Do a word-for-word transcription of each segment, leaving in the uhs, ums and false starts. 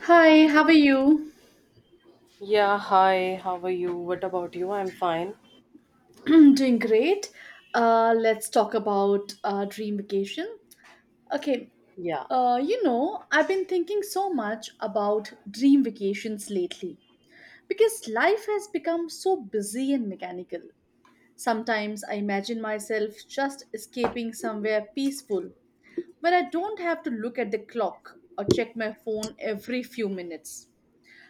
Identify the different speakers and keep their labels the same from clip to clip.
Speaker 1: Hi, how are you?
Speaker 2: Yeah, hi, how are you? What about you? I'm fine.
Speaker 1: Doing great. Uh, let's talk about uh, dream vacation. Okay,
Speaker 2: Yeah.
Speaker 1: uh, you know, I've been thinking so much about dream vacations lately because life has become so busy and mechanical. Sometimes I imagine myself just escaping somewhere peaceful where I don't have to look at the clock or check my phone every few minutes.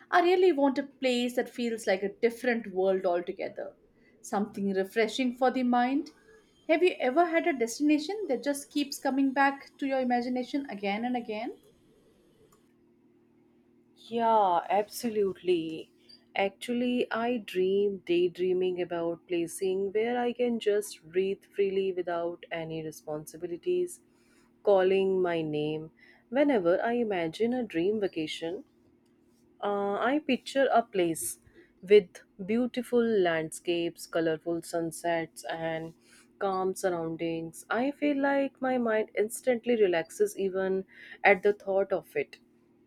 Speaker 1: I really want a place that feels like a different world altogether, something refreshing for the mind. Have you ever had a destination that just keeps coming back to your imagination again and again?
Speaker 2: Yeah, absolutely. Actually, I dream daydreaming about placing where I can just breathe freely without any responsibilities, calling my name. Whenever I imagine a dream vacation, Uh, I picture a place with beautiful landscapes, colorful sunsets, and calm surroundings. I feel like my mind instantly relaxes even at the thought of it.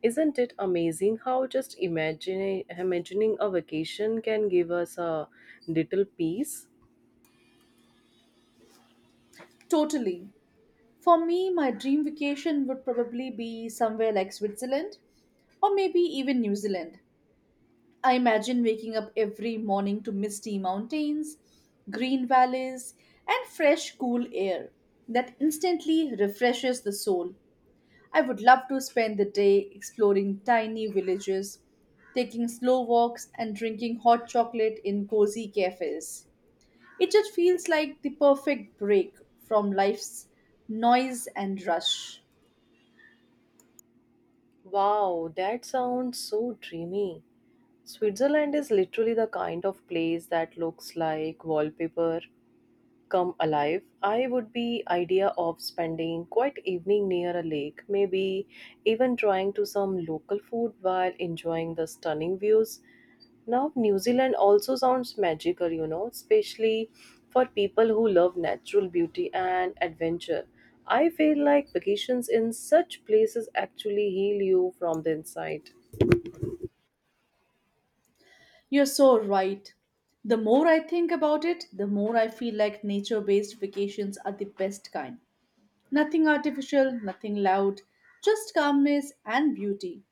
Speaker 2: Isn't it amazing how just imagining, imagining a vacation can give us a little peace?
Speaker 1: Totally. For me, my dream vacation would probably be somewhere like Switzerland or maybe even New Zealand. I imagine waking up every morning to misty mountains, green valleys, and fresh, cool air that instantly refreshes the soul. I would love to spend the day exploring tiny villages, taking slow walks, and drinking hot chocolate in cozy cafes. It just feels like the perfect break from life's noise and rush.
Speaker 2: Wow, that sounds so dreamy. Switzerland is literally the kind of place that looks like wallpaper come alive. I would be idea of spending quite evening near a lake, maybe even trying to some local food while enjoying the stunning views. Now New Zealand also sounds magical, you know, especially for people who love natural beauty and adventure. I feel like vacations in such places actually heal you from the inside.
Speaker 1: You're so right. The more I think about it, the more I feel like nature based vacations are the best kind. Nothing artificial, nothing loud, just calmness and beauty.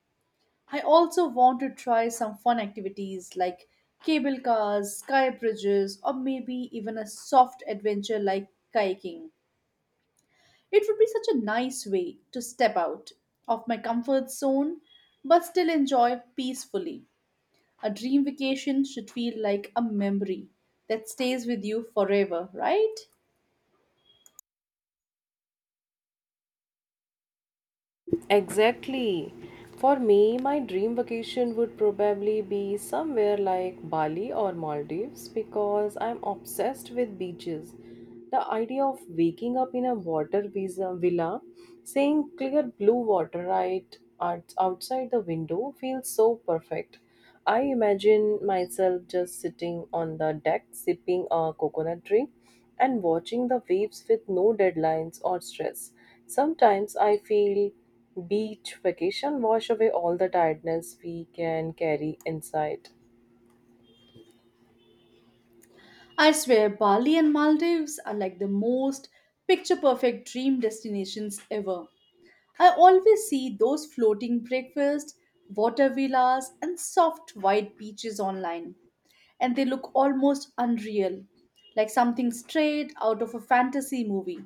Speaker 1: I also want to try some fun activities like cable cars, sky bridges, or maybe even a soft adventure like kayaking. It would be such a nice way to step out of my comfort zone but still enjoy peacefully. A dream vacation should feel like a memory that stays with you forever, right?
Speaker 2: Exactly. For me, my dream vacation would probably be somewhere like Bali or Maldives because I'm obsessed with beaches. The idea of waking up in a water visa villa, seeing clear blue water right out- outside the window feels so perfect. I imagine myself just sitting on the deck sipping a coconut drink and watching the waves with no deadlines or stress. Sometimes I feel beach vacation wash away all the tiredness we can carry inside.
Speaker 1: I swear, Bali and Maldives are like the most picture perfect dream destinations ever. I always see those floating breakfast, water villas, and soft white beaches online, and they look almost unreal, like something straight out of a fantasy movie.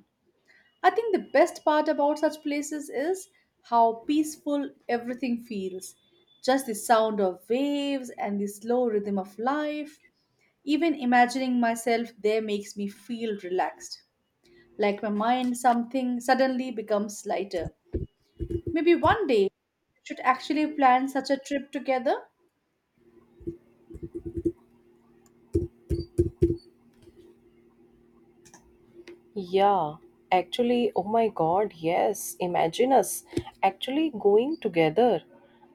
Speaker 1: I think the best part about such places is how peaceful everything feels. Just the sound of waves and the slow rhythm of life. Even imagining myself there makes me feel relaxed, like my mind something suddenly becomes lighter. Maybe one day we should actually plan such a trip together.
Speaker 2: Yeah, actually, oh my god, yes. Imagine us actually going together.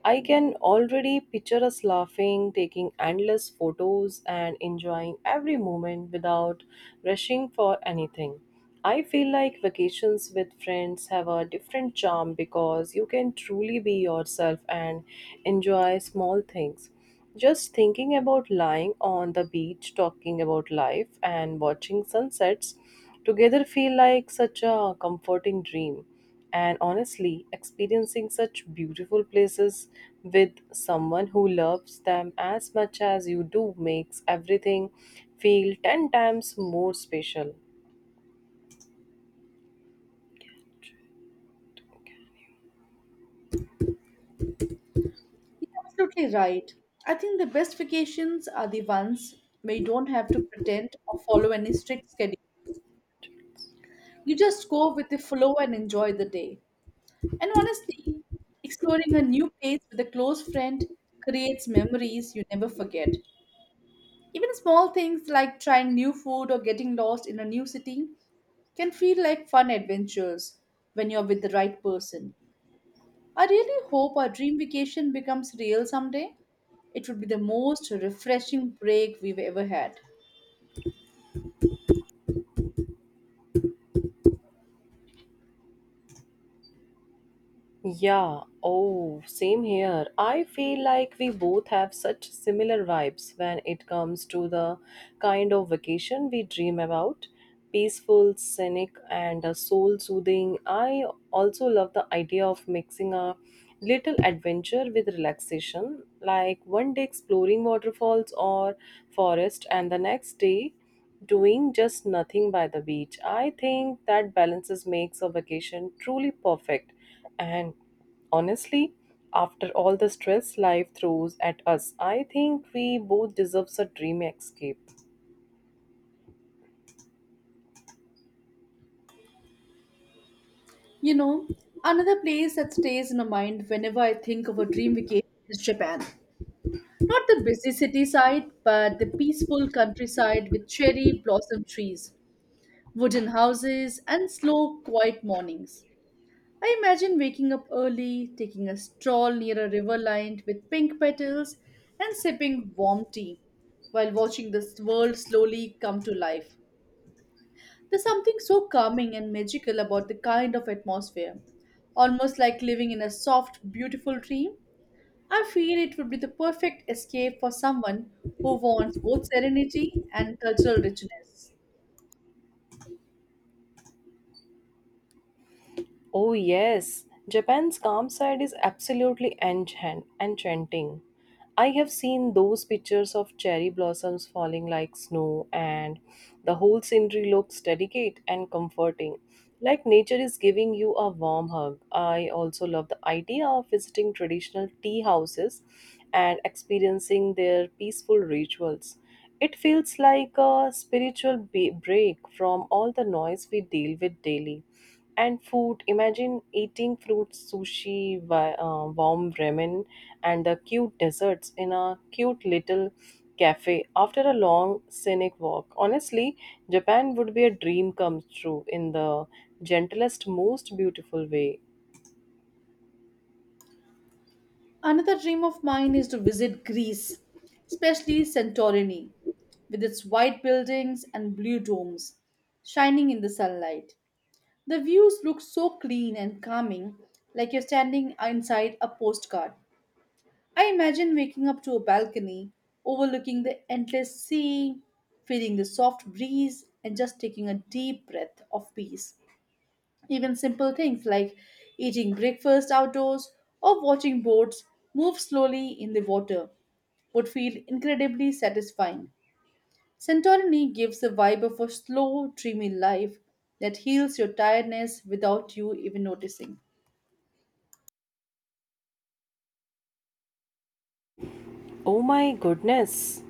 Speaker 2: I can already picture us laughing, taking endless photos, and enjoying every moment without rushing for anything. I feel like vacations with friends have a different charm because you can truly be yourself and enjoy small things. Just thinking about lying on the beach, talking about life, and watching sunsets together feel like such a comforting dream. And honestly, experiencing such beautiful places with someone who loves them as much as you do makes everything feel ten times more special.
Speaker 1: You're absolutely right. I think the best vacations are the ones where you don't have to pretend or follow any strict schedule. You just go with the flow and enjoy the day. And honestly, exploring a new place with a close friend creates memories you never forget. Even small things like trying new food or getting lost in a new city can feel like fun adventures when you're with the right person. I really hope our dream vacation becomes real someday. It would be the most refreshing break we've ever had.
Speaker 2: Yeah, oh, same here. I feel like we both have such similar vibes when it comes to the kind of vacation we dream about. Peaceful, scenic, and soul soothing. I also love the idea of mixing a little adventure with relaxation, like one day exploring waterfalls or forest, and the next day doing just nothing by the beach. I think that balances makes a vacation truly perfect and, honestly, after all the stress life throws at us, I think we both deserve a dream escape.
Speaker 1: You know, another place that stays in my mind whenever I think of a dream vacation is Japan. Not the busy city side, but the peaceful countryside with cherry blossom trees, wooden houses, and slow, quiet mornings. I imagine waking up early, taking a stroll near a river lined with pink petals, and sipping warm tea while watching this world slowly come to life. There's something so calming and magical about the kind of atmosphere, almost like living in a soft, beautiful dream. I feel it would be the perfect escape for someone who wants both serenity and cultural richness.
Speaker 2: Oh, yes. Japan's calm side is absolutely enchant- enchanting. I have seen those pictures of cherry blossoms falling like snow, and the whole scenery looks delicate and comforting, like nature is giving you a warm hug. I also love the idea of visiting traditional tea houses and experiencing their peaceful rituals. It feels like a spiritual ba- break from all the noise we deal with daily. And food, imagine eating fruit sushi, wa- uh, warm ramen, and the cute desserts in a cute little cafe after a long scenic walk. Honestly, Japan would be a dream come true in the gentlest, most beautiful way.
Speaker 1: Another dream of mine is to visit Greece, especially Santorini, with its white buildings and blue domes shining in the sunlight. The views look so clean and calming, like you're standing inside a postcard. I imagine waking up to a balcony overlooking the endless sea, feeling the soft breeze, and just taking a deep breath of peace. Even simple things like eating breakfast outdoors or watching boats move slowly in the water would feel incredibly satisfying. Santorini gives the vibe of a slow, dreamy life that heals your tiredness without you even noticing.
Speaker 2: Oh my goodness!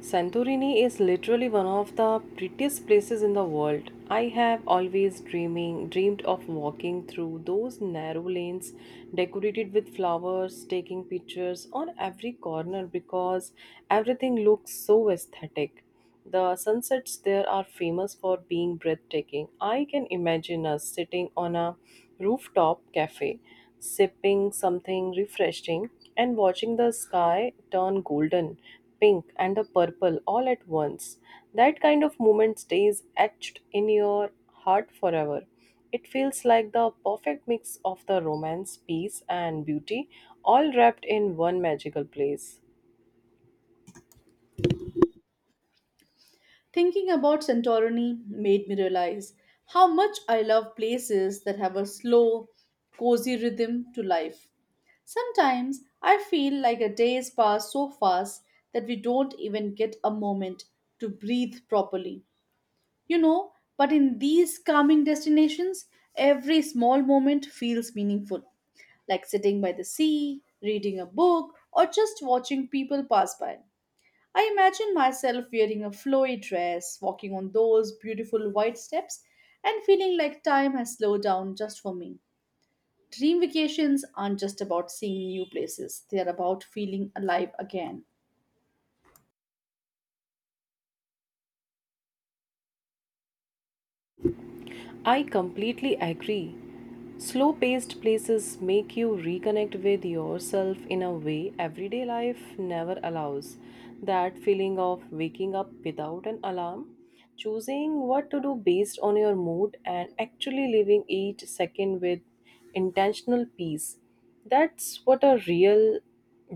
Speaker 2: Santorini is literally one of the prettiest places in the world. I have always dreaming dreamed of walking through those narrow lanes decorated with flowers, taking pictures on every corner because everything looks so aesthetic. The sunsets there are famous for being breathtaking. I can imagine us sitting on a rooftop cafe, sipping something refreshing, and watching the sky turn golden, pink, and the purple all at once. That kind of moment stays etched in your heart forever. It feels like the perfect mix of the romance, peace, and beauty, all wrapped in one magical place.
Speaker 1: Thinking about Santorini made me realize how much I love places that have a slow, cozy rhythm to life. Sometimes I feel like a days pass so fast that we don't even get a moment to breathe properly. You know, but in these calming destinations, every small moment feels meaningful, like sitting by the sea, reading a book, or just watching people pass by. I imagine myself wearing a flowy dress, walking on those beautiful white steps, and feeling like time has slowed down just for me. Dream vacations aren't just about seeing new places, they are about feeling alive again.
Speaker 2: I completely agree. Slow paced places make you reconnect with yourself in a way everyday life never allows. That feeling of waking up without an alarm, choosing what to do based on your mood, and actually living each second with intentional peace. That's what a real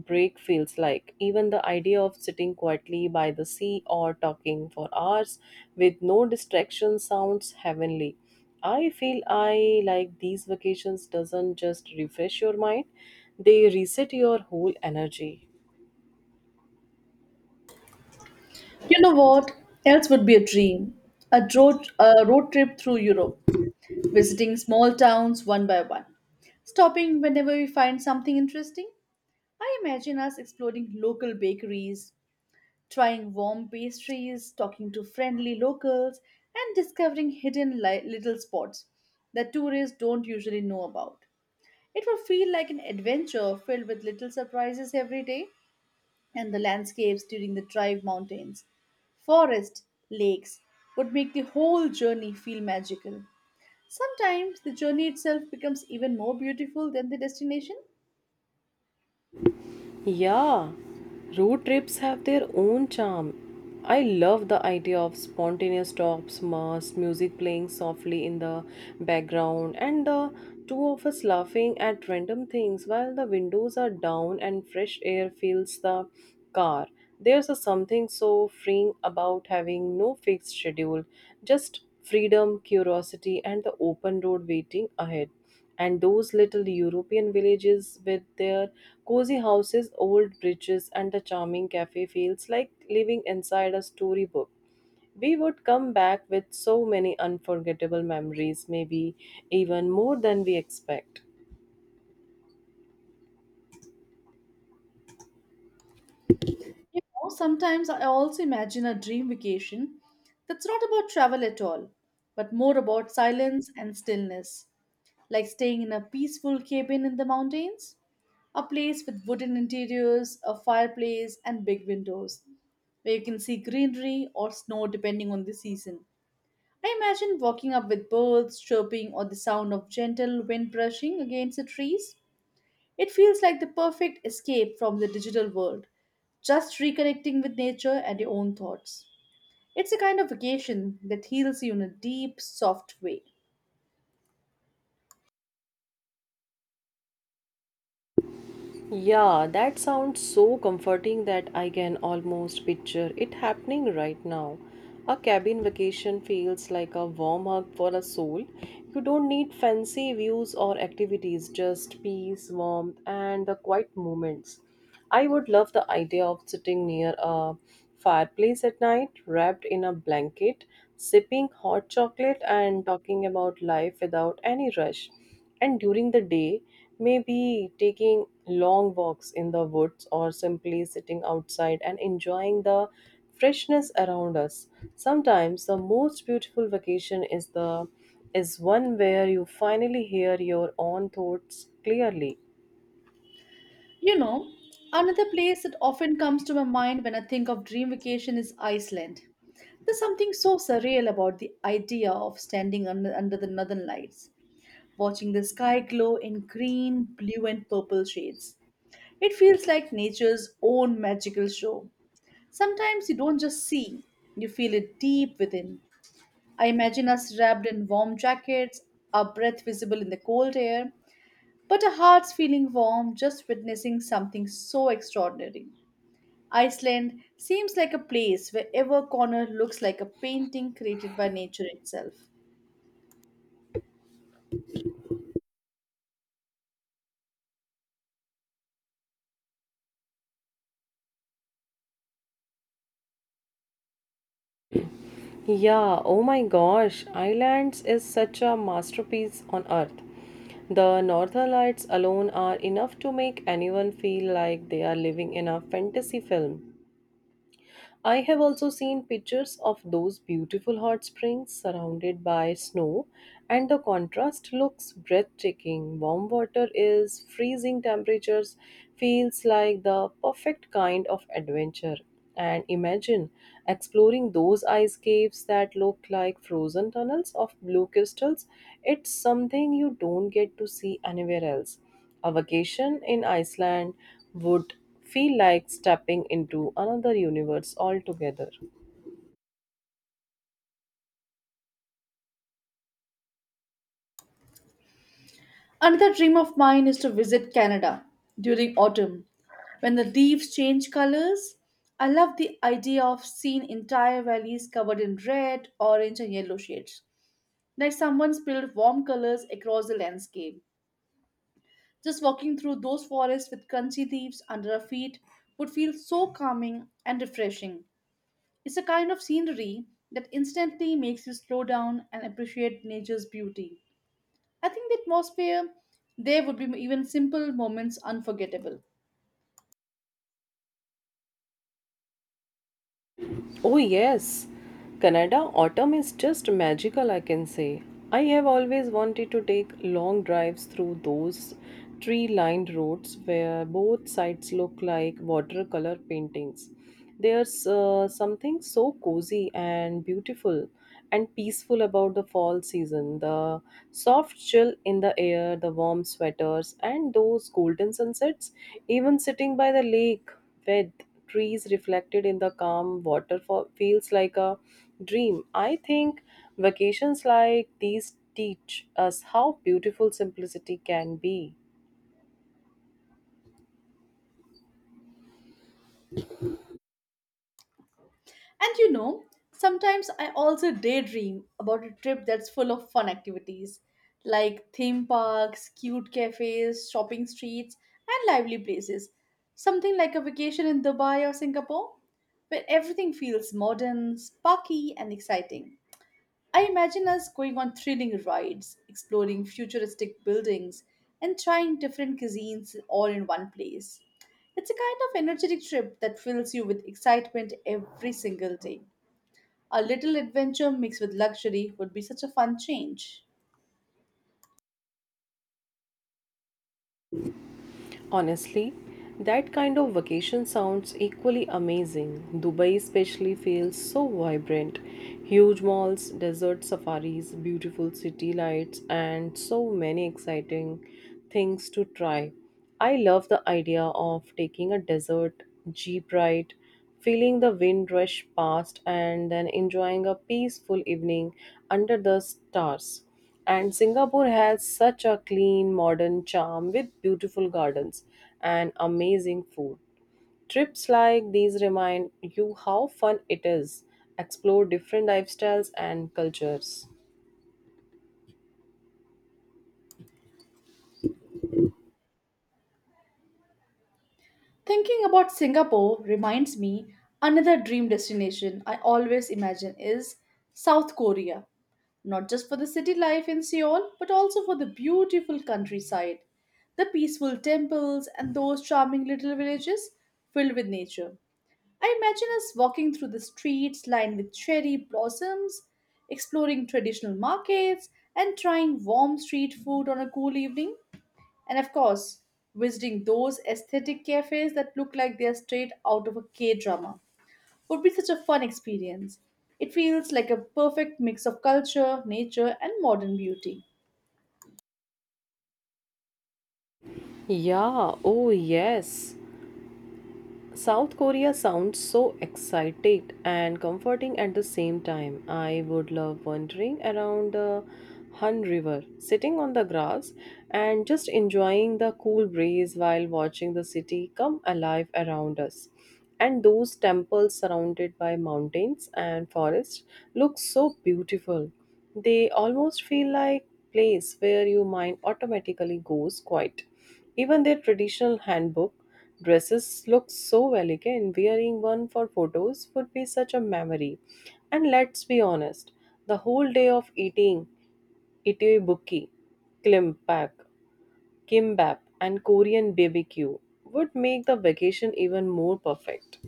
Speaker 2: break feels like. Even the idea of sitting quietly by the sea or talking for hours with no distraction sounds heavenly. I feel I like these vacations doesn't just refresh your mind, they reset your whole energy.
Speaker 1: You know what else would be a dream? A road, a road trip through Europe, visiting small towns one by one, stopping whenever we find something interesting. I imagine us exploring local bakeries, trying warm pastries, talking to friendly locals, and discovering hidden li- little spots that tourists don't usually know about. It will feel like an adventure filled with little surprises every day, and the landscapes during the drive mountains, forests, lakes would make the whole journey feel magical. Sometimes the journey itself becomes even more beautiful than the destination.
Speaker 2: Yeah, road trips have their own charm. I love the idea of spontaneous stops, mass music playing softly in the background, and the two of us laughing at random things while the windows are down and fresh air fills the car. There's a something so freeing about having no fixed schedule, just freedom, curiosity, and the open road waiting ahead, and those little European villages with their cozy houses, old bridges, and a charming cafe feels like living inside a storybook. We would come back with so many unforgettable memories, maybe even more than we expect.
Speaker 1: You know, sometimes I also imagine a dream vacation that's not about travel at all, but more about silence and stillness. Like staying in a peaceful cabin in the mountains, a place with wooden interiors, a fireplace, and big windows, where you can see greenery or snow depending on the season. I imagine walking up with birds chirping or the sound of gentle wind brushing against the trees. It feels like the perfect escape from the digital world, just reconnecting with nature and your own thoughts. It's a kind of vacation that heals you in a deep, soft way.
Speaker 2: Yeah, that sounds so comforting that I can almost picture it happening right now. A cabin vacation feels like a warm hug for a soul. You don't need fancy views or activities, just peace, warmth, and the quiet moments. I would love the idea of sitting near a fireplace at night, wrapped in a blanket, sipping hot chocolate, and talking about life without any rush, and during the day maybe taking long walks in the woods or simply sitting outside and enjoying the freshness around us. Sometimes the most beautiful vacation is the is one where you finally hear your own thoughts clearly.
Speaker 1: You know, another place that often comes to my mind when I think of dream vacation is Iceland. There's something so surreal about the idea of standing under, under the northern lights, watching the sky glow in green, blue, and purple shades. It feels like nature's own magical show. Sometimes you don't just see, you feel it deep within. I imagine us wrapped in warm jackets, our breath visible in the cold air, but our hearts feeling warm just witnessing something so extraordinary. Iceland seems like a place where every corner looks like a painting created by nature itself.
Speaker 2: Yeah, oh my gosh, Islands is such a masterpiece on earth. The northern lights alone are enough to make anyone feel like they are living in a fantasy film. I have also seen pictures of those beautiful hot springs surrounded by snow, and the contrast looks breathtaking. Warm water is freezing temperatures, feels like the perfect kind of adventure. And imagine exploring those ice caves that look like frozen tunnels of blue crystals. It's something you don't get to see anywhere else. A vacation in Iceland would feel like stepping into another universe altogether.
Speaker 1: Another dream of mine is to visit Canada during autumn. When the leaves change colors, I love the idea of seeing entire valleys covered in red, orange, and yellow shades, like someone spilled warm colors across the landscape. Just walking through those forests with crunchy leaves under our feet would feel so calming and refreshing. It's a kind of scenery that instantly makes you slow down and appreciate nature's beauty. I think the atmosphere there would be even simple moments unforgettable.
Speaker 2: Oh, yes, Canada autumn is just magical, I can say. I have always wanted to take long drives through those tree lined roads where both sides look like watercolor paintings. There's uh, something so cozy and beautiful and peaceful about the fall season. The soft chill in the air, the warm sweaters, and those golden sunsets, even sitting by the lake with trees reflected in the calm waterfall feels like a dream. I think vacations like these teach us how beautiful simplicity can be.
Speaker 1: And you know, sometimes I also daydream about a trip that's full of fun activities like theme parks, cute cafes, shopping streets, and lively places. Something like a vacation in Dubai or Singapore, where everything feels modern, sparky, and exciting. I imagine us going on thrilling rides, exploring futuristic buildings, and trying different cuisines all in one place. It's a kind of energetic trip that fills you with excitement every single day. A little adventure mixed with luxury would be such a fun change.
Speaker 2: Honestly, that kind of vacation sounds equally amazing. Dubai especially feels so vibrant. Huge malls, desert safaris, beautiful city lights, and so many exciting things to try. I love the idea of taking a desert jeep ride, feeling the wind rush past, and then enjoying a peaceful evening under the stars. And Singapore has such a clean, modern charm with beautiful gardens and amazing food. Trips like these remind you how fun it is. Explore different lifestyles and cultures.
Speaker 1: Thinking about Singapore reminds me another dream destination I always imagine is South Korea. Not just for the city life in Seoul, but also for the beautiful countryside, the peaceful temples, and those charming little villages filled with nature. I imagine us walking through the streets lined with cherry blossoms, exploring traditional markets, and trying warm street food on a cool evening and of course, visiting those aesthetic cafes that look like they're straight out of a K drama would be such a fun experience. It feels like a perfect mix of culture, nature, and modern beauty.
Speaker 2: Yeah, oh yes. South Korea sounds so excited and comforting at the same time. I would love wandering around the Han River, sitting on the grass and just enjoying the cool breeze while watching the city come alive around us. And those temples surrounded by mountains and forests look so beautiful. They almost feel like place where your mind automatically goes quiet. Even their traditional handbook dresses look so elegant. Wearing one for photos would be such a memory. And let's be honest, the whole day of eating itibuki, klimpak, kimbap, and Korean B B Q would make the vacation even more perfect.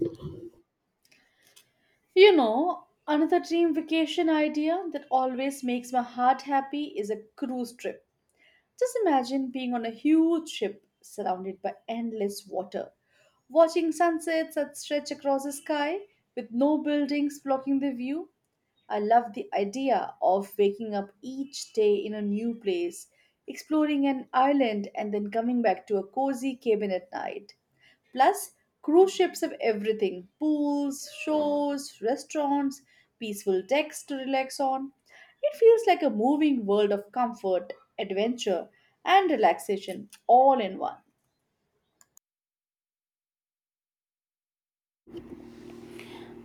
Speaker 1: You know, another dream vacation idea that always makes my heart happy is a cruise trip. Just imagine being on a huge ship surrounded by endless water, watching sunsets that stretch across the sky with no buildings blocking the view. I love the idea of waking up each day in a new place, exploring an island, and then coming back to a cozy cabin at night. Plus, cruise ships have everything pools, shores, restaurants, peaceful decks to relax on. It feels like a moving world of comfort, adventure, and relaxation all in one.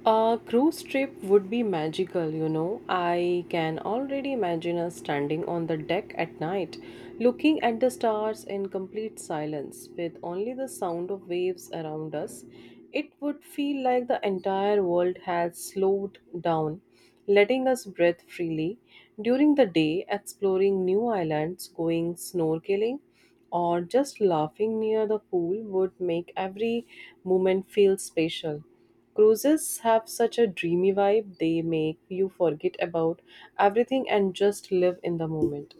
Speaker 2: A cruise trip would be magical, you know. I can already imagine us standing on the deck at night, looking at the stars in complete silence, with only the sound of waves around us. It would feel like the entire world had slowed down, letting us breathe freely. During the day, exploring new islands, going snorkeling, or just laughing near the pool would make every moment feel special. Cruises have such a dreamy vibe, they make you forget about everything and just live in the moment.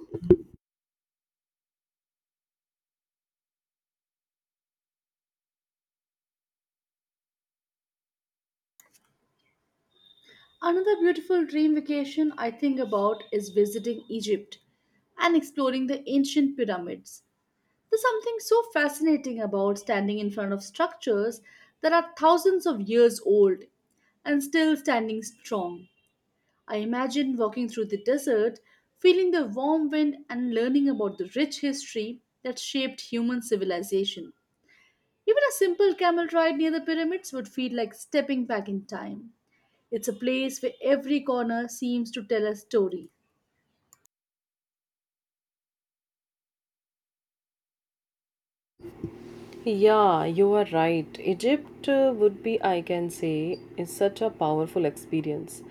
Speaker 1: Another beautiful dream vacation I think about is visiting Egypt and exploring the ancient pyramids. There's something so fascinating about standing in front of structures that are thousands of years old and still standing strong. I imagine walking through the desert, feeling the warm wind, and learning about the rich history that shaped human civilization. Even a simple camel ride near the pyramids would feel like stepping back in time. It's a place where every corner seems to tell a story.
Speaker 2: Yeah, you are right. Egypt uh, would be, I can say, is such a powerful experience.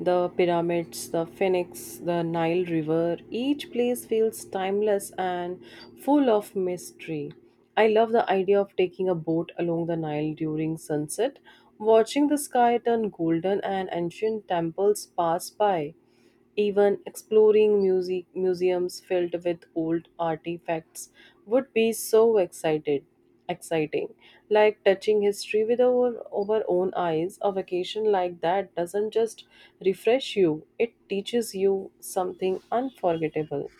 Speaker 2: The pyramids, the Phoenix, the Nile River, each place feels timeless and full of mystery. I love the idea of taking a boat along the Nile during sunset, watching the sky turn golden and ancient temples pass by. Even exploring music museums filled with old artifacts would be so excited exciting, like touching history with our, our own eyes. A vacation like that doesn't just refresh you, it teaches you something unforgettable.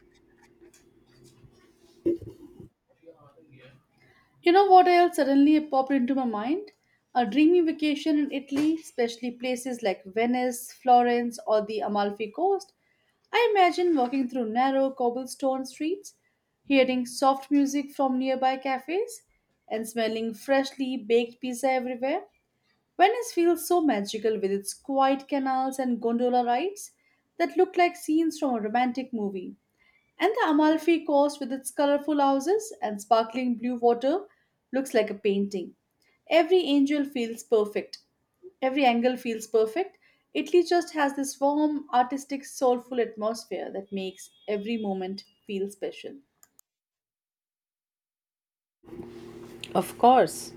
Speaker 1: You know what else suddenly popped into my mind? A dreamy vacation in Italy, especially places like Venice, Florence, or the Amalfi Coast. I imagine walking through narrow cobblestone streets, hearing soft music from nearby cafes, and smelling freshly baked pizza everywhere. Venice feels so magical with its quiet canals and gondola rides that look like scenes from a romantic movie. And the Amalfi Coast, with its colorful houses and sparkling blue water, looks like a painting. Every angel feels perfect. Every angle feels perfect. Italy just has this warm, artistic, soulful atmosphere that makes every moment feel special.
Speaker 2: Of course.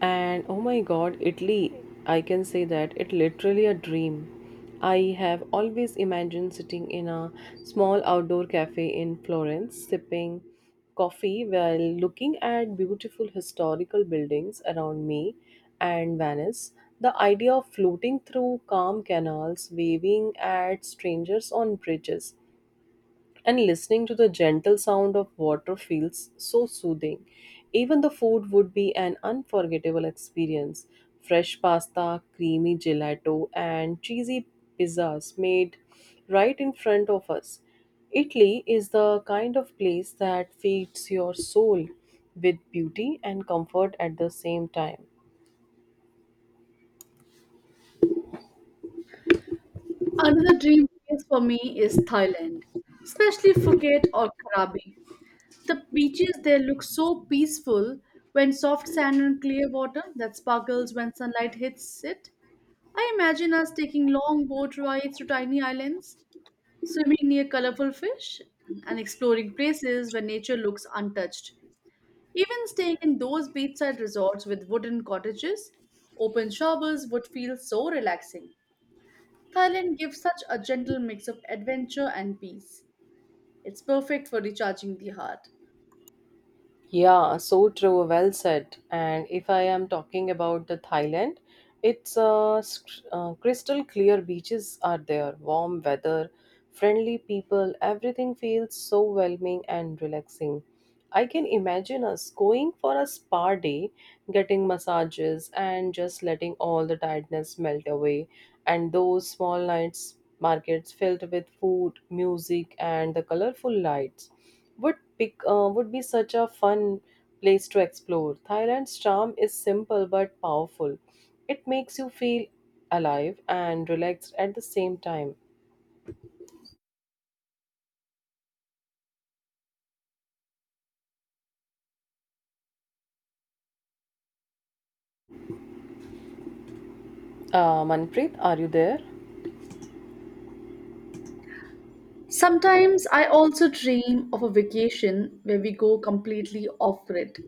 Speaker 2: And oh my god, Italy, I can say that it literally a dream. I have always imagined sitting in a small outdoor cafe in Florence, sipping coffee while looking at beautiful historical buildings around me, and Venice. The idea of floating through calm canals, waving at strangers on bridges, and listening to the gentle sound of water feels so soothing. Even the food would be an unforgettable experience. Fresh pasta, creamy gelato, and cheesy pizzas made right in front of us. Italy is the kind of place that feeds your soul with beauty and comfort at the same time.
Speaker 1: Another dream place for me is Thailand, especially Phuket or Krabi. The beaches there look so peaceful when soft sand and clear water that sparkles when sunlight hits it. I imagine us taking long boat rides to tiny islands, swimming near colorful fish, and exploring places where nature looks untouched. Even staying in those beachside resorts with wooden cottages, open showers would feel so relaxing. Thailand gives such a gentle mix of adventure and peace. It's perfect for recharging the heart.
Speaker 2: Yeah, so true. Well said. And if I am talking about the Thailand, it's uh, st- uh, crystal clear beaches are there, warm weather, friendly people. Everything feels so welcoming and relaxing. I can imagine us going for a spa day, getting massages, and just letting all the tiredness melt away. And those small nights markets filled with food, music, and the colorful lights would pick uh, would be such a fun place to explore. Thailand's charm is simple but powerful. It makes you feel alive and relaxed at the same time. Uh, Manpreet, are you there?
Speaker 1: Sometimes I also dream of a vacation where we go completely off grid,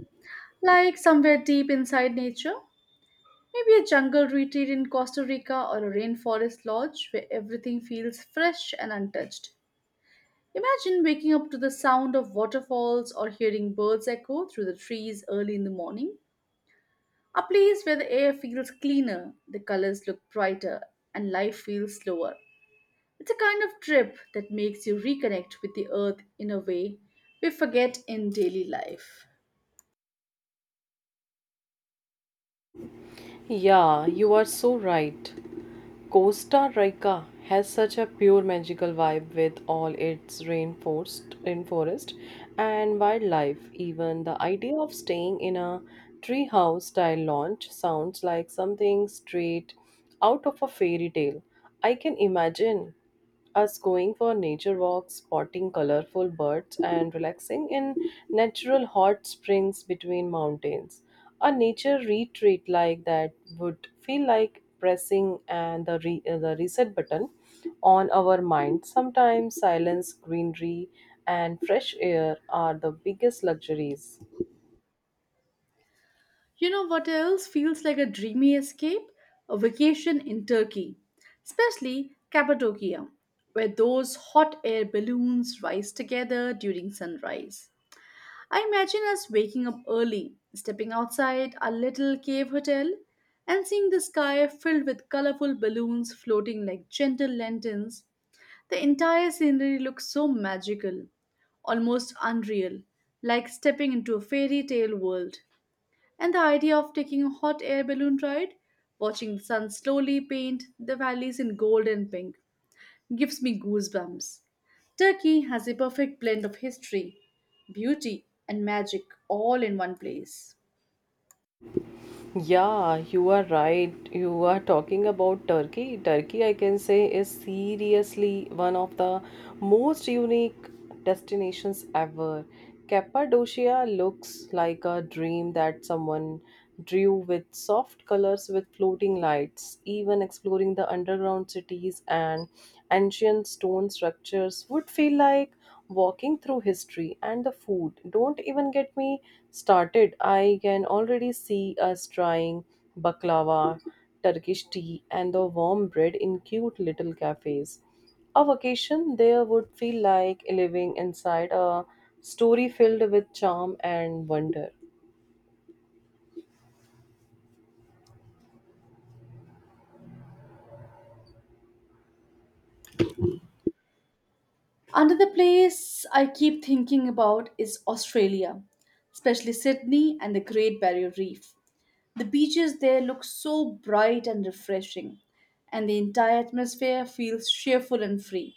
Speaker 1: like somewhere deep inside nature. Maybe a jungle retreat in Costa Rica or a rainforest lodge where everything feels fresh and untouched. Imagine waking up to the sound of waterfalls or hearing birds echo through the trees early in the morning. A place where the air feels cleaner, the colors look brighter, and life feels slower. It's a kind of trip that makes you reconnect with the earth in a way we forget in daily life.
Speaker 2: Yeah, you are so right. Costa Rica has such a pure magical vibe with all its rainforest, rainforest and wildlife. Even the idea of staying in a treehouse style lodge sounds like something straight out of a fairy tale. I can imagine us going for nature walks, spotting colorful birds, and relaxing in natural hot springs between mountains. A nature retreat like that would feel like pressing and the, re- uh, the reset button on our mind. Sometimes silence, greenery, and fresh air are the biggest luxuries.
Speaker 1: You know what else feels like a dreamy escape? A vacation in Turkey, especially Cappadocia, where those hot air balloons rise together during sunrise. I imagine us waking up early, stepping outside our little cave hotel, and seeing the sky filled with colorful balloons floating like gentle lanterns. The entire scenery looks so magical, almost unreal, like stepping into a fairy tale world. And the idea of taking a hot air balloon ride, watching the sun slowly paint the valleys in gold and pink, gives me goosebumps. Turkey has a perfect blend of history, beauty, and magic all in one place.
Speaker 2: Yeah, you are right. You are talking about Turkey. Turkey, I can say, is seriously one of the most unique destinations ever. Cappadocia looks like a dream that someone drew with soft colors with floating lights. Even exploring the underground cities and ancient stone structures would feel like walking through history and the food. Don't even get me started. I can already see us trying baklava, Turkish tea, and the warm bread in cute little cafes. A vacation there would feel like living inside a story filled with charm and wonder.
Speaker 1: Another place I keep thinking about is Australia, especially Sydney and the Great Barrier Reef. The beaches there look so bright and refreshing, and the entire atmosphere feels cheerful and free.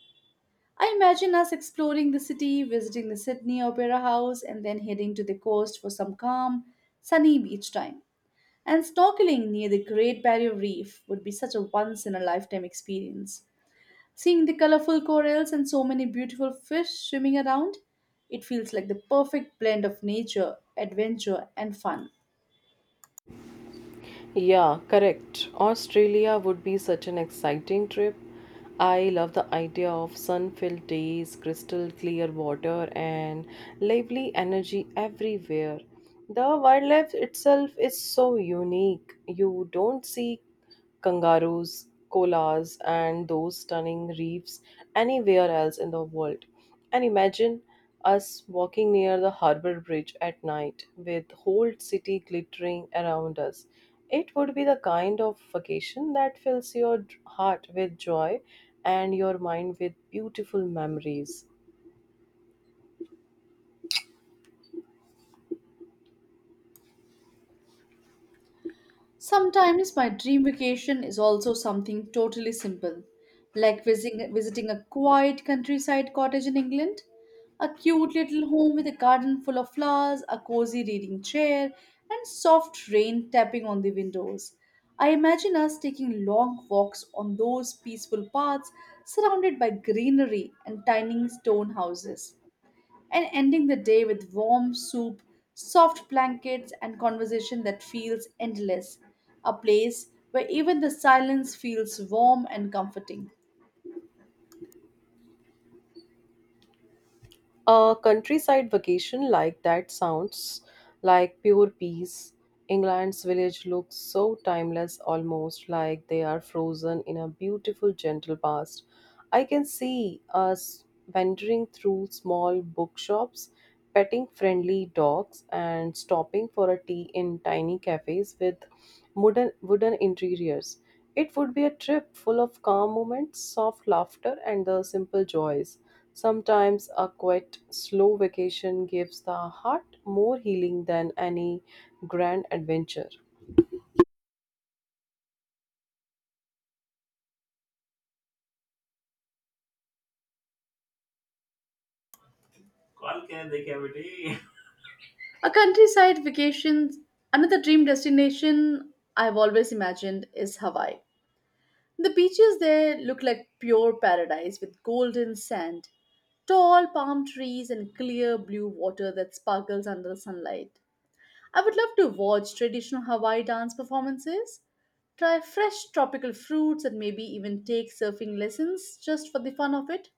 Speaker 1: I imagine us exploring the city, visiting the Sydney Opera House, and then heading to the coast for some calm, sunny beach time. And snorkeling near the Great Barrier Reef would be such a once in a lifetime experience. Seeing the colorful corals and so many beautiful fish swimming around, it feels like the perfect blend of nature, adventure, and fun.
Speaker 2: Yeah, correct. Australia would be such an exciting trip. I love the idea of sun filled days, crystal clear water, and lively energy everywhere. The wildlife itself is so unique. You don't see kangaroos, koalas, and those stunning reefs anywhere else in the world. And imagine us walking near the harbor bridge at night with whole city glittering around us. It would be the kind of vacation that fills your d- heart with joy and your mind with beautiful memories.
Speaker 1: Sometimes my dream vacation is also something totally simple, like visiting, visiting a quiet countryside cottage in England, a cute little home with a garden full of flowers, a cozy reading chair, and soft rain tapping on the windows. I imagine us taking long walks on those peaceful paths surrounded by greenery and tiny stone houses and ending the day with warm soup, soft blankets, and conversation that feels endless. A place where even the silence feels warm and comforting.
Speaker 2: A countryside vacation like that sounds like pure peace. England's village looks so timeless, almost like they are frozen in a beautiful, gentle past. I can see us wandering through small bookshops, petting friendly dogs, and stopping for a tea in tiny cafes with wooden, wooden interiors. It would be a trip full of calm moments, soft laughter, and the simple joys. Sometimes a quiet, slow vacation gives the heart more healing than any grand adventure.
Speaker 1: Call क्या है, देखे बेटी। A countryside vacation, another dream destination I've always imagined is Hawaii. The beaches there look like pure paradise with golden sand, tall palm trees, and clear blue water that sparkles under the sunlight. I would love to watch traditional Hawaii dance performances, try fresh tropical fruits, and maybe even take surfing lessons just for the fun of it.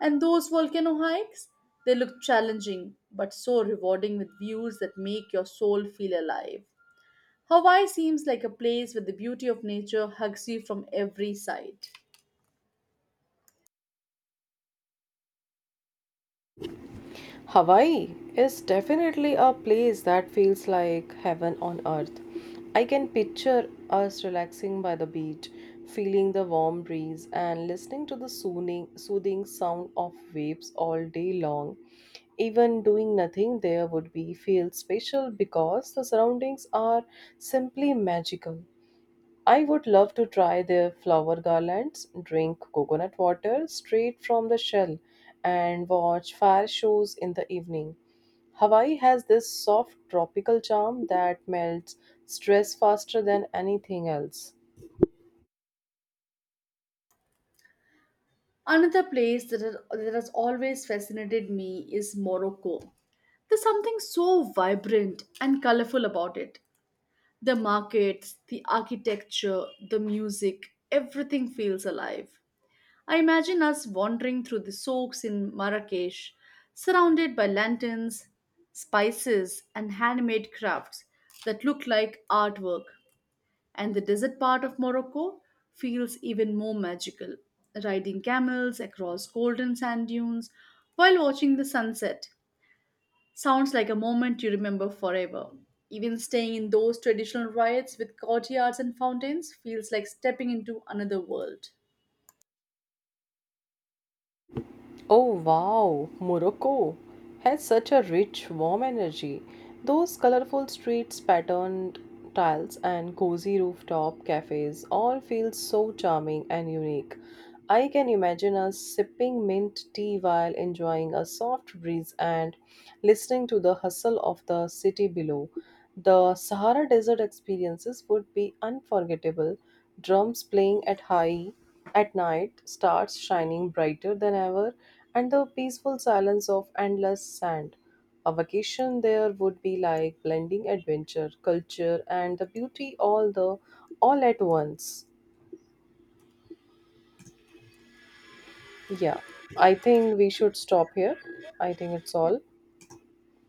Speaker 1: And those volcano hikes, they look challenging but so rewarding with views that make your soul feel alive. Hawaii seems like a place where the beauty of nature hugs you from every side.
Speaker 2: Hawaii is definitely a place that feels like heaven on earth. I can picture us relaxing by the beach, feeling the warm breeze, and listening to the soothing, soothing sound of waves all day long. Even doing nothing there would be feel special because the surroundings are simply magical. I would love to try their flower garlands, drink coconut water straight from the shell, and watch fire shows in the evening. Hawaii has this soft tropical charm that melts stress faster than anything else.
Speaker 1: Another place that has, that has always fascinated me is Morocco. There's something so vibrant and colorful about it. The markets, the architecture, the music, everything feels alive. I imagine us wandering through the souks in Marrakesh, surrounded by lanterns, spices, and handmade crafts that look like artwork. And the desert part of Morocco feels even more magical, riding camels across golden sand dunes while watching the sunset. Sounds like a moment you remember forever. Even staying in those traditional riots with courtyards and fountains feels like stepping into another world.
Speaker 2: Oh wow, Morocco has such a rich, warm energy. Those colorful streets, patterned tiles, and cozy rooftop cafes all feel so charming and unique. I can imagine us sipping mint tea while enjoying a soft breeze and listening to the hustle of the city below. The Sahara Desert experiences would be unforgettable, drums playing at high at night, starts shining brighter than ever, and the peaceful silence of endless sand. A vacation there would be like blending adventure, culture, and the beauty, all the all at once. Yeah, I think we should stop here. I think it's all.